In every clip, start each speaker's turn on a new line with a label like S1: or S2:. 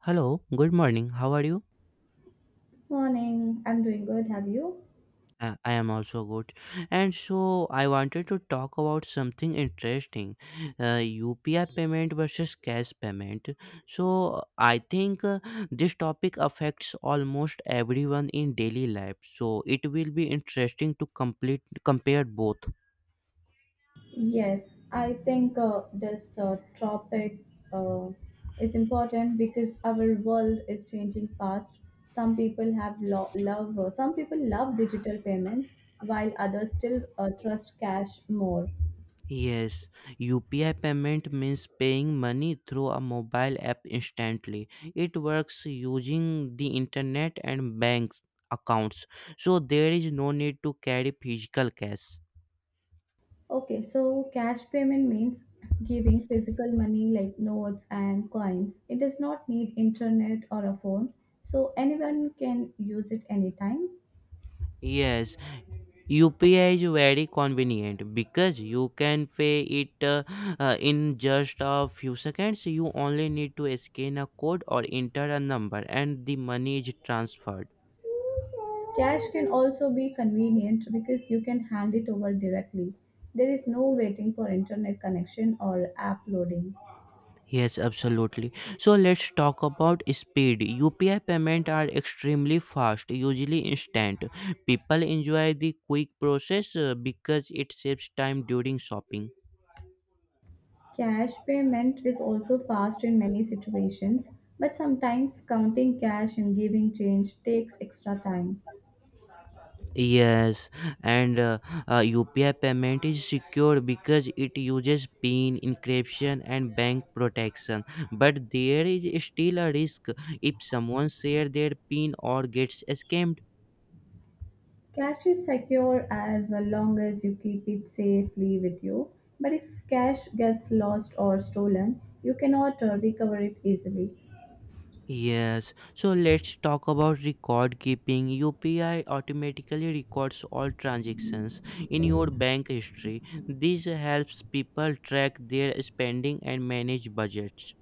S1: Hello, good morning. How are you?
S2: Morning. I'm doing good. Have you?
S1: I am also good. And so I wanted to talk about something interesting UPI payment versus cash payment. So I think this topic affects almost everyone in daily life. So it will be interesting to complete compare both.
S2: Yes, I think this topic uh, is important because our world is changing fast. Some people have love. Some people love digital payments, while others still trust cash more.
S1: Yes, UPI payment means paying money through a mobile app instantly. It works using the internet and bank accounts, so there is no need to carry physical cash.
S2: Okay, so cash payment means giving physical money like notes and coins. It does not need internet or a phone, so anyone can use it anytime.
S1: Yes, UPI is very convenient because you can pay it in just a few seconds. You only need to scan a code or enter a number, and the money is transferred.
S2: Cash can also be convenient because you can hand it over directly. There is no waiting for internet connection or app loading.
S1: Yes, absolutely. So let's talk about speed. UPI payments are extremely fast, usually instant. People enjoy the quick process because it saves time during shopping.
S2: Cash payment is also fast in many situations, but sometimes counting cash and giving change takes extra time.
S1: Yes, and UPI payment is secure because it uses PIN encryption and bank protection. But there is still a risk if someone share their PIN or gets scammed.
S2: Cash is secure as long as you keep it safely with you, but if cash gets lost or stolen, you cannot recover it easily.
S1: Yes, so let's talk about record keeping. UPI automatically records all transactions in your bank history. This helps people track their spending and manage budgets.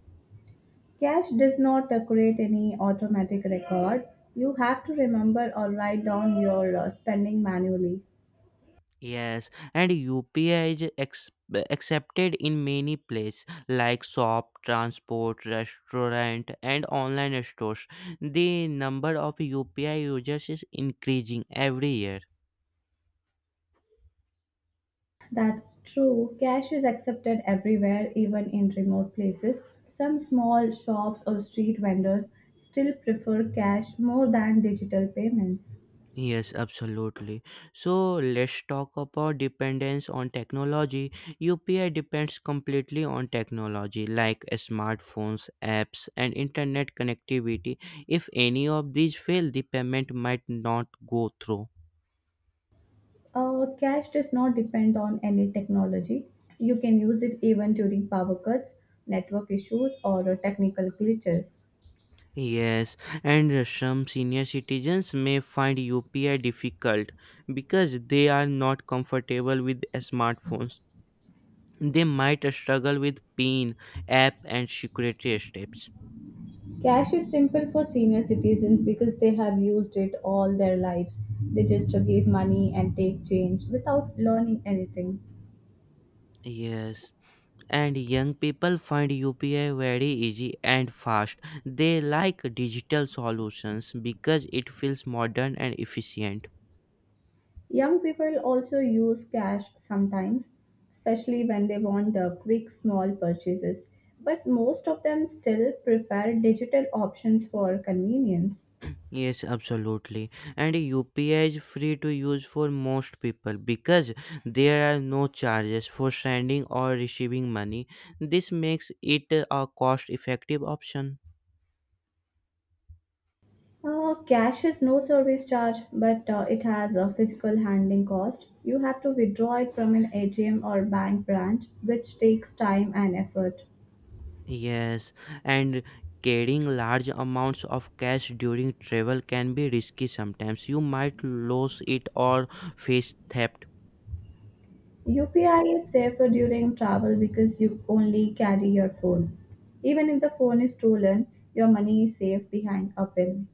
S2: Cash does not create any automatic record. You have to remember or write down your spending manually.
S1: Yes, and UPI is accepted in many places like shop, transport, restaurant, and online stores. The number of UPI users is increasing every year.
S2: That's true. Cash is accepted everywhere, even in remote places. Some small shops or street vendors still prefer cash more than digital payments.
S1: Yes, absolutely. So let's talk about dependence on technology. UPI depends completely on technology like smartphones, apps, and internet connectivity. If any of these fail, the payment might not go through.
S2: Cash does not depend on any technology. You can use it even during power cuts, network issues, or technical glitches.
S1: Yes, and some senior citizens may find UPI difficult because they are not comfortable with smartphones. They might struggle with PIN, app, and security steps.
S2: Cash is simple for senior citizens because they have used it all their lives. They just give money and take change without learning anything.
S1: Yes, and young people find UPI very easy and fast. They like digital solutions because it feels modern and efficient.
S2: Young people also use cash sometimes, especially when they want the quick small purchases, but most of them still prefer digital options for convenience.
S1: Yes, absolutely. And UPI is free to use for most people because there are no charges for sending or receiving money. This makes it a cost effective option.
S2: Cash is no service charge, but it has a physical handling cost. You have to withdraw it from an ATM or bank branch, which takes time and effort.
S1: Yes, and carrying large amounts of cash during travel can be risky sometimes. You might lose it or face theft.
S2: UPI is safer during travel because you only carry your phone. Even if the phone is stolen, your money is safe behind a pin.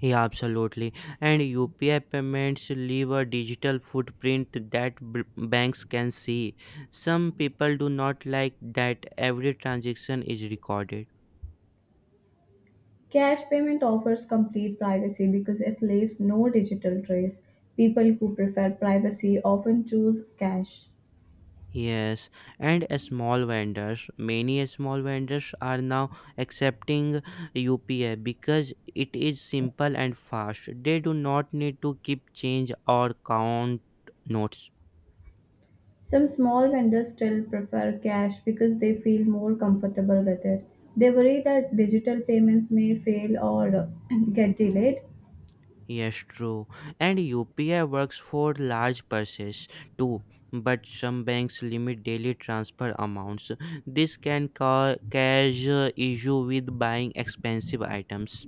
S1: Yeah, absolutely. And UPI payments leave a digital footprint that banks can see. Some people do not like that every transaction is recorded.
S2: Cash payment offers complete privacy because it leaves no digital trace. People who prefer privacy often choose cash.
S1: Yes, and many small vendors are now accepting UPI because it is simple and fast. They do not need to keep change or count notes.
S2: Some small vendors still prefer cash because they feel more comfortable with it. They worry that digital payments may fail or get delayed.
S1: Yes, true. And UPI works for large purchases too, but some banks limit daily transfer amounts. This can cause issue with buying expensive items.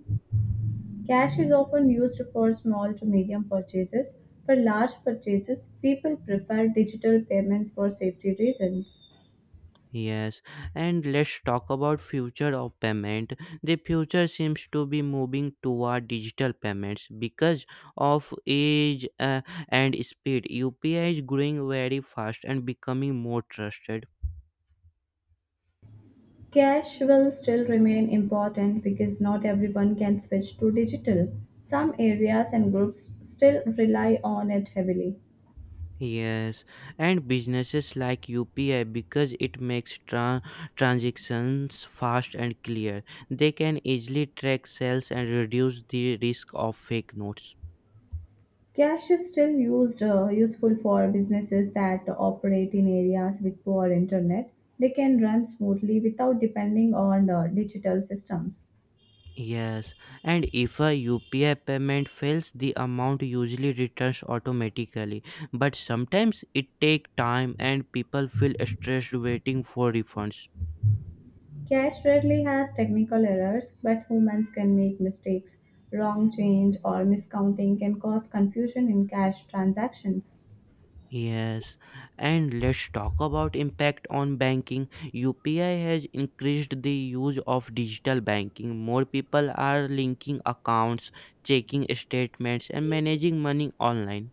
S2: Cash is often used for small to medium purchases. For large purchases, people prefer digital payments for safety reasons.
S1: Yes, and let's talk about future of payment. The future seems to be moving toward digital payments because of age and speed. UPI is growing very fast and becoming more trusted.
S2: Cash will still remain important because not everyone can switch to digital. Some areas and groups still rely on it heavily.
S1: Yes, and businesses like UPI because it makes transactions fast and clear. They can easily track sales and reduce the risk of fake notes.
S2: Cash is still used useful for businesses that operate in areas with poor internet. They can run smoothly without depending on digital systems.
S1: Yes, and if a UPI payment fails, the amount usually returns automatically. But sometimes it takes time and people feel stressed waiting for refunds.
S2: Cash rarely has technical errors, but humans can make mistakes. Wrong change or miscounting can cause confusion in cash transactions.
S1: Yes, and let's talk about impact on banking. UPI has increased the use of digital banking. More people are linking accounts, checking statements and managing money online.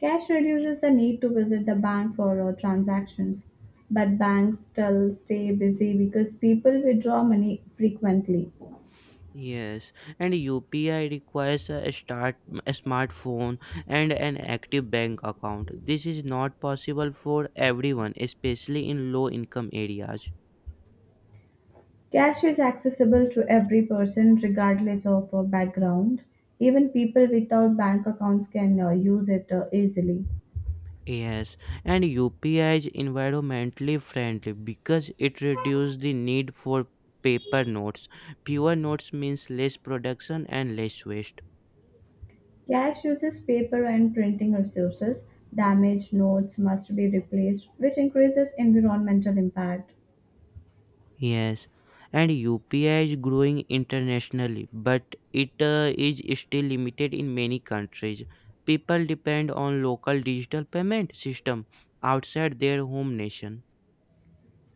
S2: Cash reduces the need to visit the bank for transactions, but banks still stay busy because people withdraw money frequently.
S1: Yes, and UPI requires a smartphone and an active bank account. This is not possible for everyone, especially in low income areas.
S2: Cash is accessible to every person regardless of background. Even people without bank accounts can use it easily.
S1: Yes, and UPI is environmentally friendly because it reduces the need for paper notes. Fewer notes means less production and less waste.
S2: Cash uses paper and printing resources. Damaged notes must be replaced, which increases environmental impact.
S1: Yes, and UPI is growing internationally, but it is still limited in many countries. People depend on local digital payment system outside their home nation.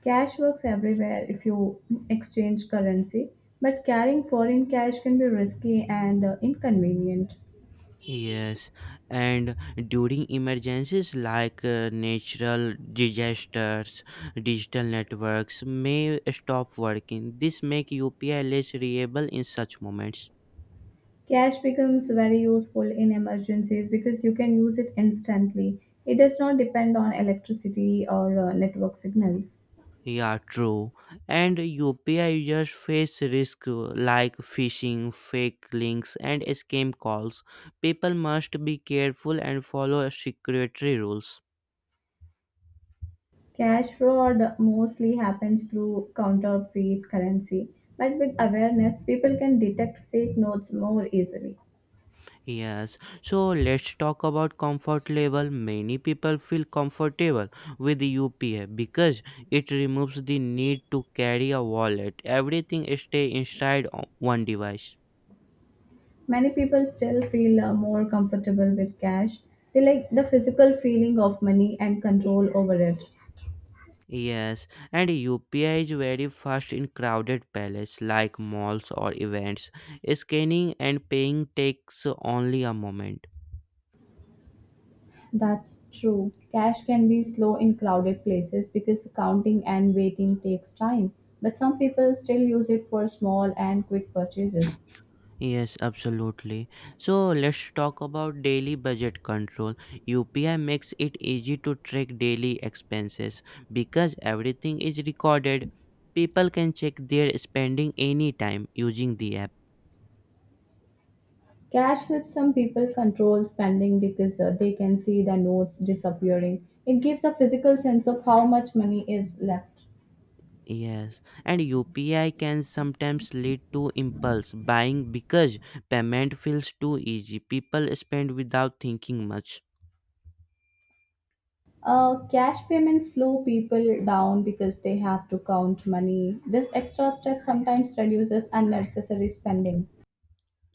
S2: Cash works everywhere if you exchange currency, but carrying foreign cash can be risky and inconvenient.
S1: Yes, and during emergencies like natural disasters, digital networks may stop working. This make UPI less reliable in such moments.
S2: Cash becomes very useful in emergencies because you can use it instantly. It does not depend on electricity or network signals.
S1: Yeah, true. And UPI users face risk like phishing, fake links, and scam calls. People must be careful and follow security rules.
S2: Cash fraud mostly happens through counterfeit currency, but with awareness, people can detect fake notes more easily.
S1: Yes, so let's talk about comfort level. Many people feel comfortable with UPI because it removes the need to carry a wallet. Everything stay inside one device.
S2: Many people still feel more comfortable with cash. They like the physical feeling of money and control over it.
S1: Yes, and UPI is very fast in crowded places like malls or events. Scanning and paying takes only a moment.
S2: That's true. Cash can be slow in crowded places because counting and waiting takes time, but some people still use it for small and quick purchases.
S1: Yes, absolutely. So let's talk about daily budget control. UPI makes it easy to track daily expenses because everything is recorded. People can check their spending anytime using the app.
S2: Cash helps some people control spending because they can see the notes disappearing. It gives a physical sense of how much money is left.
S1: Yes, and UPI can sometimes lead to impulse buying because payment feels too easy. People spend without thinking much.
S2: Cash payments slow people down because they have to count money. This extra step sometimes reduces unnecessary spending.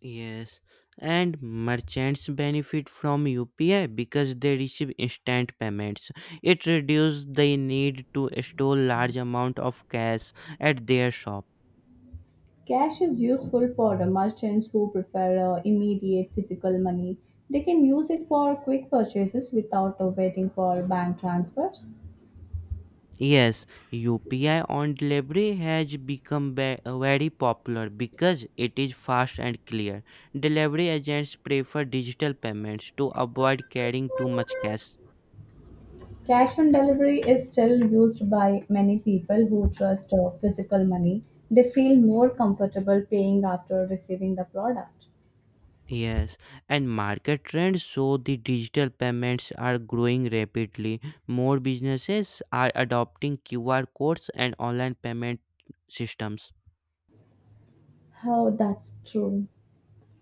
S1: Yes, and merchants benefit from UPI because they receive instant payments. It reduces the need to store large amount of cash at their shop.
S2: Cash is useful for the merchants who prefer immediate physical money. They can use it for quick purchases without waiting for bank transfers.
S1: Yes, UPI on delivery has become very popular because it is fast and clear. Delivery agents prefer digital payments to avoid carrying too much cash.
S2: Cash on delivery is still used by many people who trust physical money. They feel more comfortable paying after receiving the product.
S1: Yes, and market trends show the digital payments are growing rapidly. More businesses are adopting QR codes and online payment systems.
S2: Oh, that's true.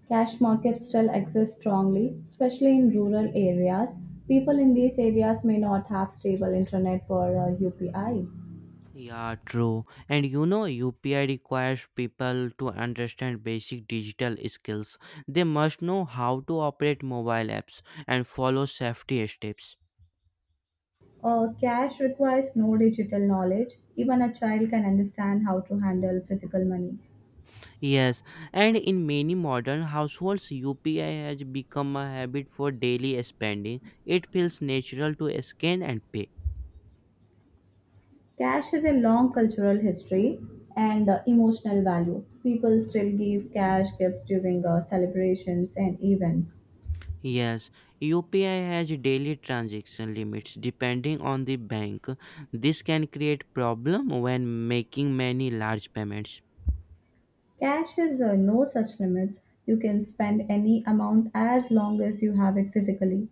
S2: Cash markets still exist strongly, especially in rural areas. People in these areas may not have stable internet for UPI.
S1: Yeah, true. And you know, UPI requires people to understand basic digital skills. They must know how to operate mobile apps and follow safety steps.
S2: Cash requires no digital knowledge. Even a child can understand how to handle physical money.
S1: Yes, and in many modern households, UPI has become a habit for daily spending. It feels natural to scan and pay.
S2: Cash has a long cultural history and emotional value. People still give cash gifts during celebrations and events.
S1: Yes, UPI has daily transaction limits depending on the bank. This can create problem when making many large payments.
S2: Cash has no such limits. You can spend any amount as long as you have it physically.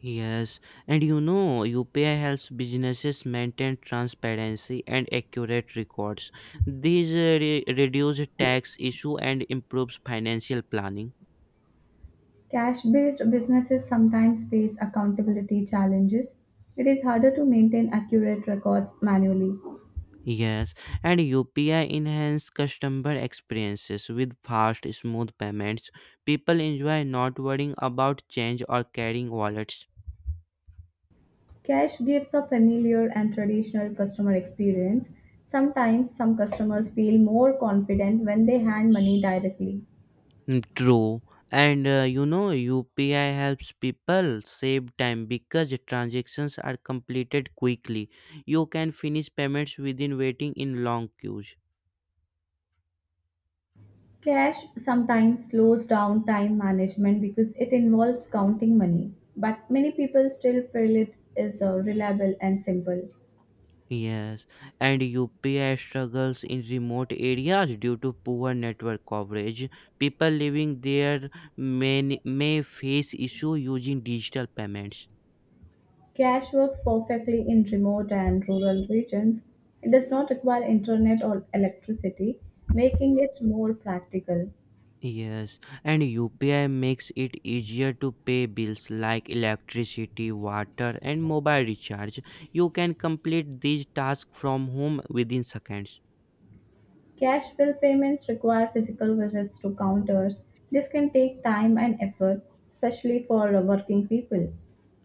S1: Yes, and you know, UPI helps businesses maintain transparency and accurate records. These reduce tax issue and improves financial planning.
S2: Cash based businesses sometimes face accountability challenges. It is harder to maintain accurate records manually.
S1: Yes, and UPI enhance customer experiences with fast, smooth payments. People enjoy not worrying about change or carrying wallets.
S2: Cash gives a familiar and traditional customer experience. Sometimes some customers feel more confident when they hand money directly.
S1: Mm, true. And you know, UPI helps people save time because transactions are completed quickly. You can finish payments within waiting in long queues.
S2: Cash sometimes slows down time management because it involves counting money, but many people still feel it is reliable and simple.
S1: Yes, and UPI struggles in remote areas due to poor network coverage. People living there may face issue using digital payments.
S2: Cash works perfectly in remote and rural regions. It does not require internet or electricity, making it more practical.
S1: Yes, and UPI makes it easier to pay bills like electricity, water, and mobile recharge. You can complete these tasks from home within seconds.
S2: Cash bill payments require physical visits to counters. This can take time and effort, especially for working people.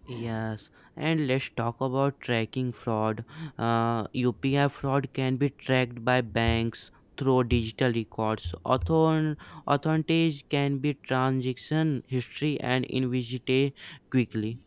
S1: Yes, and let's talk about tracking fraud. UPI fraud can be tracked by banks through digital records. Authorities can be transaction history and investigate quickly.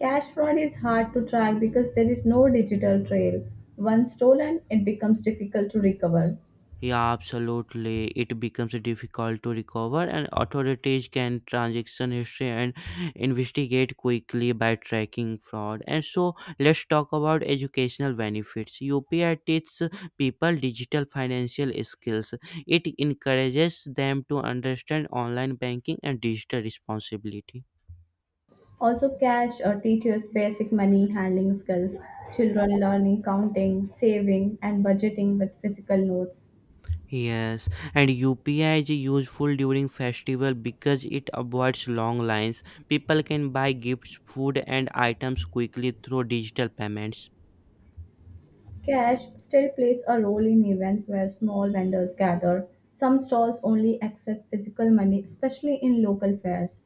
S2: Cash fraud is hard to track because there is no digital trail. Once stolen, it becomes difficult to recover.
S1: Yeah, absolutely. It becomes difficult to recover, and authorities can transaction history and investigate quickly by tracking fraud. And so, let's talk about educational benefits. UPI teaches people digital financial skills. It encourages them to understand online banking and digital responsibility.
S2: Also, cash teaches basic money handling skills, children learning counting, saving, and budgeting with physical notes.
S1: Yes, and UPI is useful during festival because it avoids long lines. People can buy gifts, food, and items quickly through digital payments.
S2: Cash still plays a role in events where small vendors gather. Some stalls only accept physical money, especially in local fairs.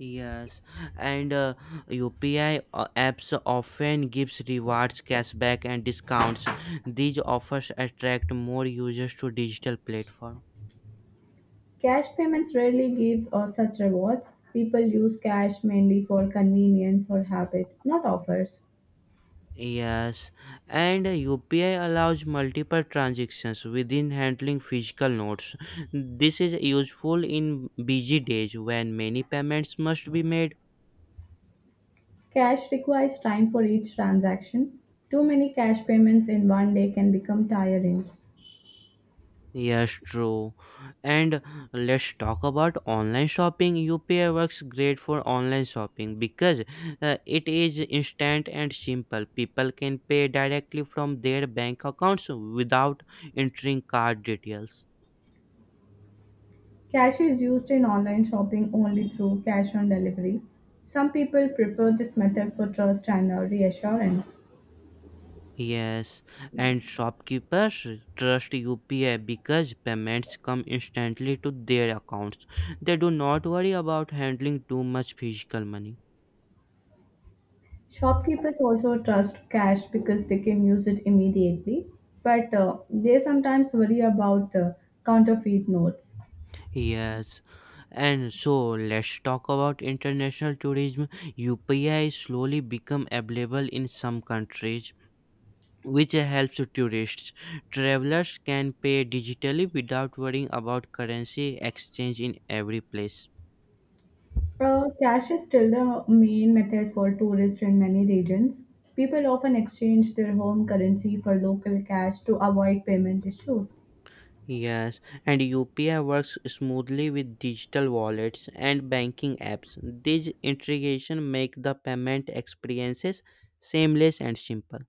S1: Yes, and UPI apps often gives rewards, cashback, and discounts. These offers attract more users to digital platform.
S2: Cash payments rarely give such rewards. People use cash mainly for convenience or habit, not offers.
S1: Yes, and UPI allows multiple transactions within handling physical notes. This is useful in busy days when many payments must be made.
S2: Cash requires time for each transaction. Too many cash payments in one day can become tiring.
S1: Yes, true. And let's talk about online shopping. UPI works great for online shopping because it is instant and simple. People can pay directly from their bank accounts without entering card details.
S2: Cash is used in online shopping only through cash on delivery. Some people prefer this method for trust and reassurance.
S1: Yes, and shopkeepers trust UPI because payments come instantly to their accounts. They do not worry about handling too much physical money.
S2: Shopkeepers also trust cash because they can use it immediately, but they sometimes worry about counterfeit notes.
S1: Yes, and so let's talk about international tourism. UPI is slowly become available in some countries, which helps tourists. Travelers can pay digitally without worrying about currency exchange in every place.
S2: Cash is still the main method for tourists in many regions. People often exchange their home currency for local cash to avoid payment issues.
S1: Yes, and UPI works smoothly with digital wallets and banking apps. These integration make the payment experiences seamless and simple.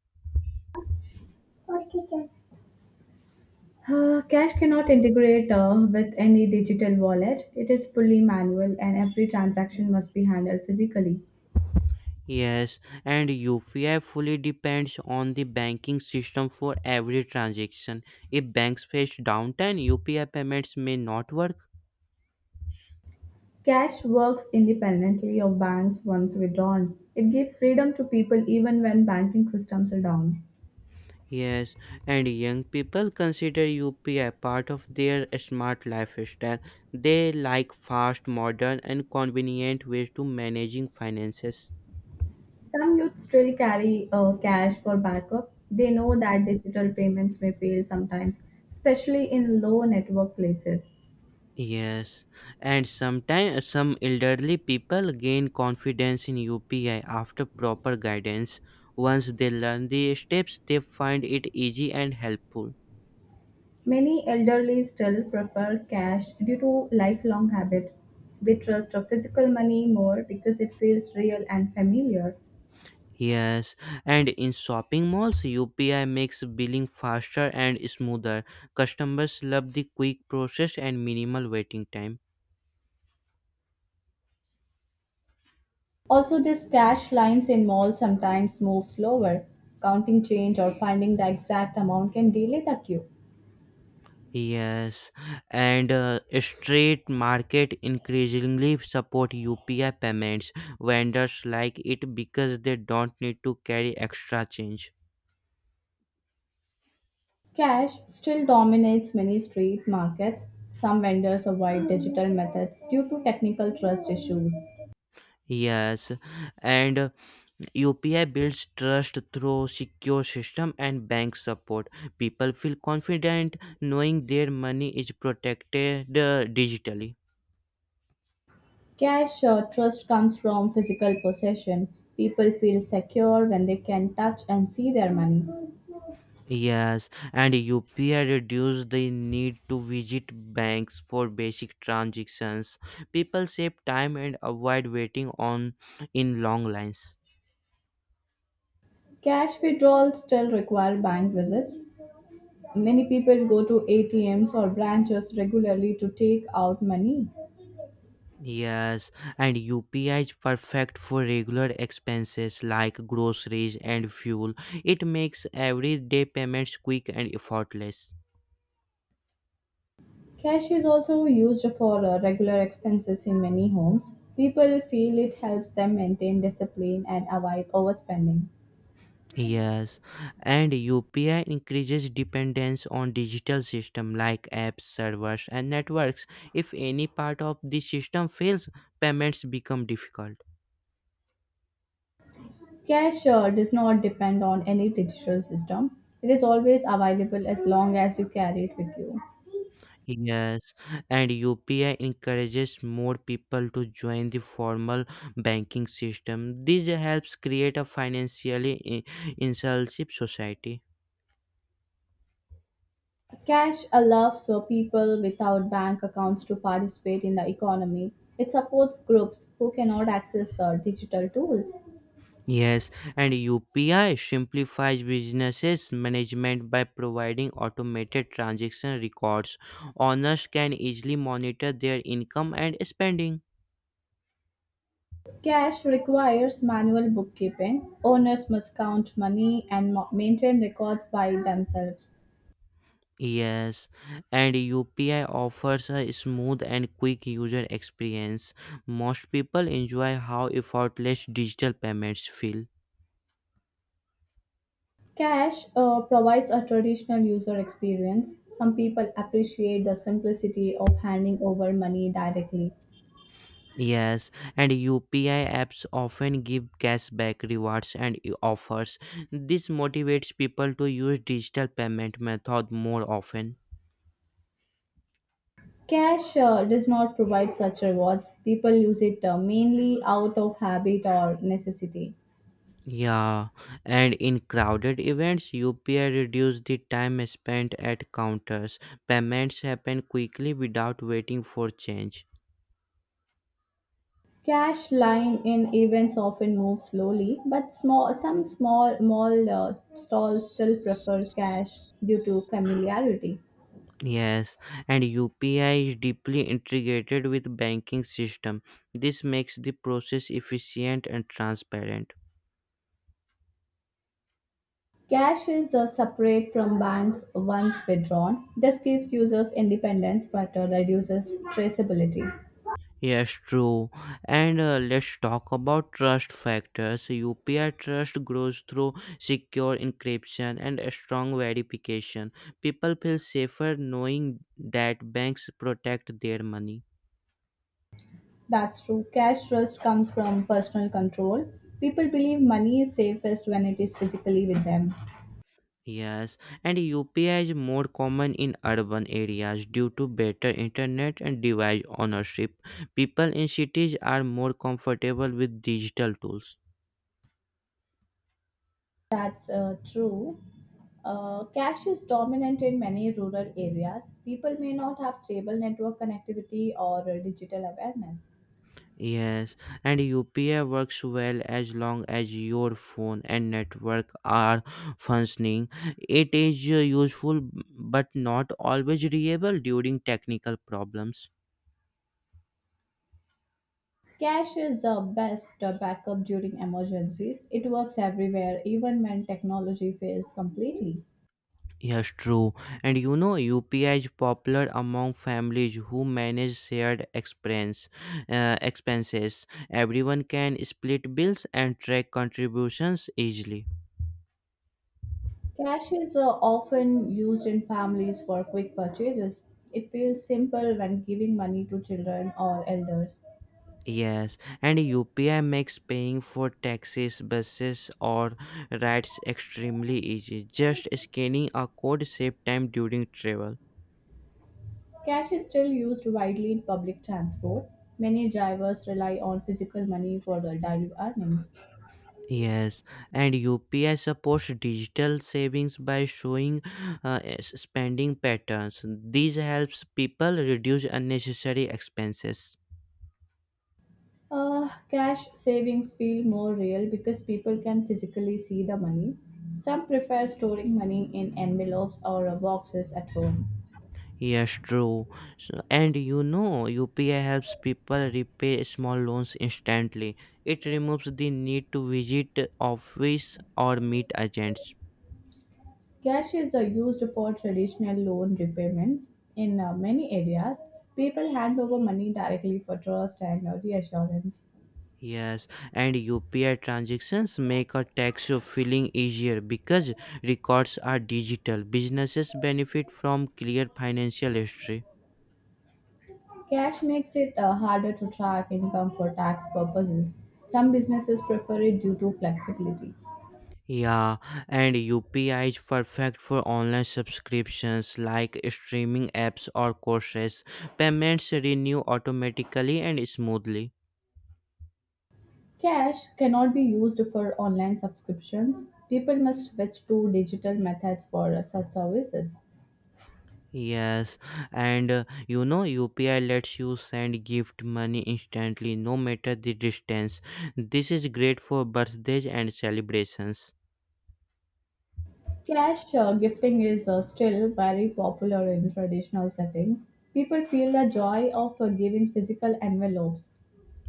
S2: Cash cannot integrate with any digital wallet. It is fully manual and every transaction must be handled physically.
S1: Yes, and UPI fully depends on the banking system for every transaction. If banks face downtime, UPI payments may not work.
S2: Cash works independently of banks once withdrawn. It gives freedom to people even when banking systems are down.
S1: Yes, and young people consider UPI a part of their smart lifestyle. They like fast, modern, and convenient ways to managing finances.
S2: Some youth still carry cash for backup. They know that digital payments may fail sometimes, especially in low network places.
S1: Yes, and sometimes some elderly people gain confidence in UPI after proper guidance. Once they learn the steps, they find it easy and helpful.
S2: Many elderly still prefer cash due to lifelong habit. They trust a physical money more because it feels real and familiar.
S1: Yes, and in shopping malls, UPI makes billing faster and smoother. Customers love the quick process and minimal waiting time.
S2: Also these cash lines in malls sometimes move slower. Counting change or finding the exact amount can delay the queue.
S1: Yes, and street market increasingly support UPI payments. Vendors like it because they don't need to carry extra change.
S2: Cash still dominates many street markets. Some vendors avoid digital methods due to technical trust issues.
S1: Yes, and UPI builds trust through secure system and bank support. People feel confident knowing their money is protected digitally.
S2: Cash trust comes from physical possession. People feel secure when they can touch and see their money.
S1: Yes, and UPI reduce the need to visit banks for basic transactions. People save time and avoid waiting on in long lines.
S2: Cash withdrawals still require bank visits. Many people go to ATMs or branches regularly to take out money.
S1: Yes, and UPI is perfect for regular expenses like groceries and fuel. It makes everyday payments quick and effortless.
S2: Cash is also used for regular expenses in many homes. People feel it helps them maintain discipline and avoid overspending.
S1: Yes, and UPI increases dependence on digital system like apps, servers, and networks. If any part of the system fails, payments become difficult.
S2: Cash does not depend on any digital system. It is always available as long as you carry it with you.
S1: Yes, and UPI encourages more people to join the formal banking system. This helps create a financially inclusive society.
S2: Cash allows people without bank accounts to participate in the economy. It supports groups who cannot access digital tools.
S1: Yes, and UPI simplifies businesses management by providing automated transaction records. Owners can easily monitor their income and spending.
S2: Cash requires manual bookkeeping. Owners must count money and maintain records by themselves.
S1: Yes, and UPI offers a smooth and quick user experience. Most people enjoy how effortless digital payments feel.
S2: Cash provides a traditional user experience. Some people appreciate the simplicity of handing over money directly.
S1: Yes, and UPI apps often give cashback rewards and offers. This motivates people to use digital payment method more often.
S2: Cash does not provide such rewards. People use it mainly out of habit or necessity.
S1: Yeah, and in crowded events, UPI reduce the time spent at counters. Payments happen quickly without waiting for change.
S2: Cash line in events often move slowly, but small, some small mall stalls still prefer cash due to familiarity.
S1: Yes, and UPI is deeply integrated with banking system. This makes the process efficient and transparent.
S2: Cash is separate from banks once withdrawn. This gives users independence but reduces traceability.
S1: Yes, true. And let's talk about trust factors. UPI trust grows through secure encryption and a strong verification. People feel safer knowing that banks protect their money.
S2: That's true. Cash trust comes from personal control. People believe money is safest when it is physically with them.
S1: Yes, and UPI is more common in urban areas due to better internet and device ownership. People in cities are more comfortable with digital tools.
S2: That's true. Cash is dominant in many rural areas. People may not have stable network connectivity or digital awareness.
S1: Yes, and UPI works well as long as your phone and network are functioning. It is useful but not always reliable during technical problems.
S2: Cash is the best backup during emergencies. It works everywhere, even when technology fails completely.
S1: Yes, true. And you know, UPI is popular among families who manage expenses. Everyone can split bills and track contributions easily.
S2: Cash is often used in families for quick purchases. It feels simple when giving money to children or elders.
S1: Yes, and UPI makes paying for taxes, buses, or rides extremely easy. Just scanning a code save time during travel.
S2: Cash is still used widely in public transport. Many drivers rely on physical money for their daily earnings.
S1: Yes, and UPI supports digital savings by showing spending patterns. This helps people reduce unnecessary expenses.
S2: Cash savings feel more real because people can physically see the money. Some prefer storing money in envelopes or boxes at home.
S1: Yes, true. So, and you know, UPI helps people repay small loans instantly. It removes the need to visit office or meet agents.
S2: Cash is used for traditional loan repayments. In many areas, people hand over money directly for trust and reassurance.
S1: Yes, and UPI transactions make a tax filing easier because records are digital. Businesses benefit from clear financial history.
S2: Cash makes it harder to track income for tax purposes. Some businesses prefer it due to flexibility.
S1: Yeah, and UPI is perfect for online subscriptions like streaming apps or courses. Payments renew automatically and smoothly.
S2: Cash cannot be used for online subscriptions. People must switch to digital methods for such services.
S1: Yes, and you know UPI lets you send gift money instantly no matter the distance. This is great for birthdays and celebrations.
S2: Cash gifting is still very popular in traditional settings. People feel the joy of giving physical envelopes.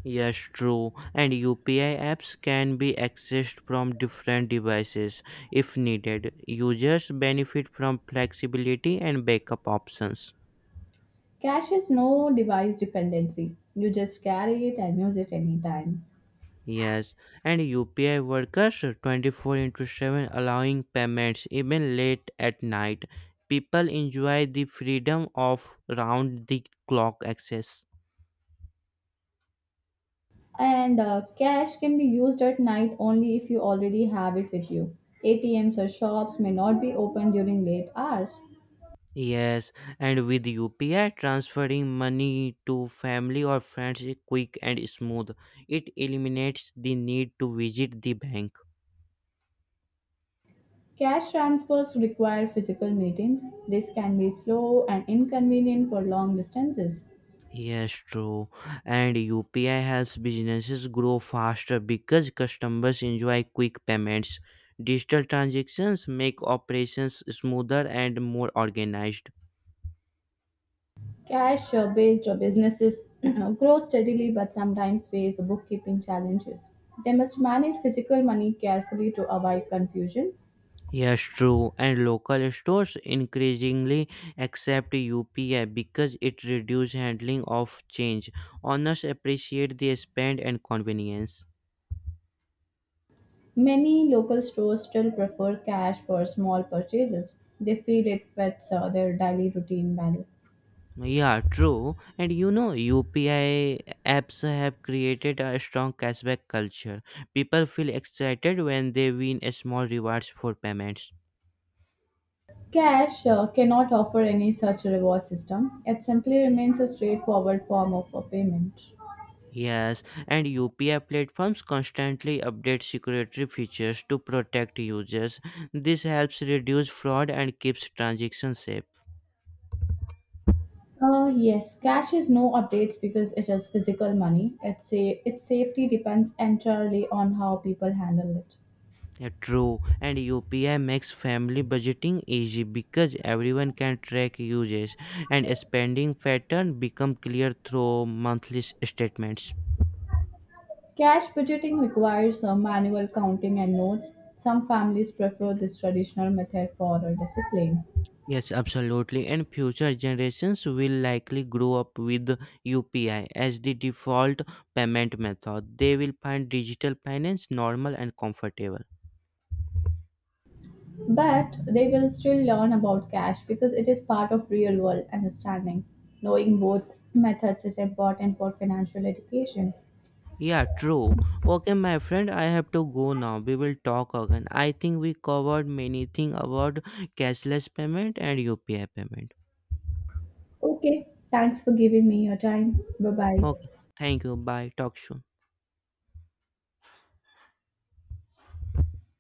S1: Yes, true. And UPI apps can be accessed from different devices if needed. Users benefit from flexibility and backup options.
S2: Cash is no device dependency. You just carry it and use it anytime.
S1: Yes, and UPI workers 24 into 7 allowing payments even late at night. People enjoy the freedom of round the clock access.
S2: And cash can be used at night only if you already have it with you. ATMs or shops may not be open during late hours.
S1: Yes, and with UPI transferring money to family or friends is quick and smooth. It eliminates the need to visit the bank.
S2: Cash transfers require physical meetings. This can be slow and inconvenient for long distances.
S1: Yes, true. And UPI helps businesses grow faster because customers enjoy quick payments. Digital transactions make operations smoother and more organized.
S2: Cash based businesses grow steadily but sometimes face bookkeeping challenges. They must manage physical money carefully to avoid confusion.
S1: Yes, true. And local stores increasingly accept UPI because it reduces handling of change. Owners appreciate the spend and convenience.
S2: Many local stores still prefer cash for small purchases. They feel it fits their daily routine value.
S1: Yeah, true. And you know, UPI apps have created a strong cashback culture. People feel excited when they win a small rewards for payments.
S2: Cash cannot offer any such reward system. It simply remains a straightforward form of payment.
S1: Yes, and UPI platforms constantly update security features to protect users. This helps reduce fraud and keeps transactions safe.
S2: Yes, cash is no updates because it is physical money. It's a, its safety depends entirely on how people handle it.
S1: Yeah, true, and UPI makes family budgeting easy because everyone can track uses and spending pattern become clear through monthly statements.
S2: Cash budgeting requires manual counting and notes. Some families prefer this traditional method for discipline.
S1: Yes, absolutely, and future generations will likely grow up with UPI as the default payment method. They will find digital finance normal and comfortable.
S2: But they will still learn about cash because it is part of real world understanding. Knowing both methods is important for financial education.
S1: Yeah, true. Okay, my friend, I have to go now. We will talk again. I think we covered many things about cashless payment and UPI payment.
S2: Okay, thanks for giving me your time. Bye bye.
S1: Okay, thank you. Bye. Talk soon.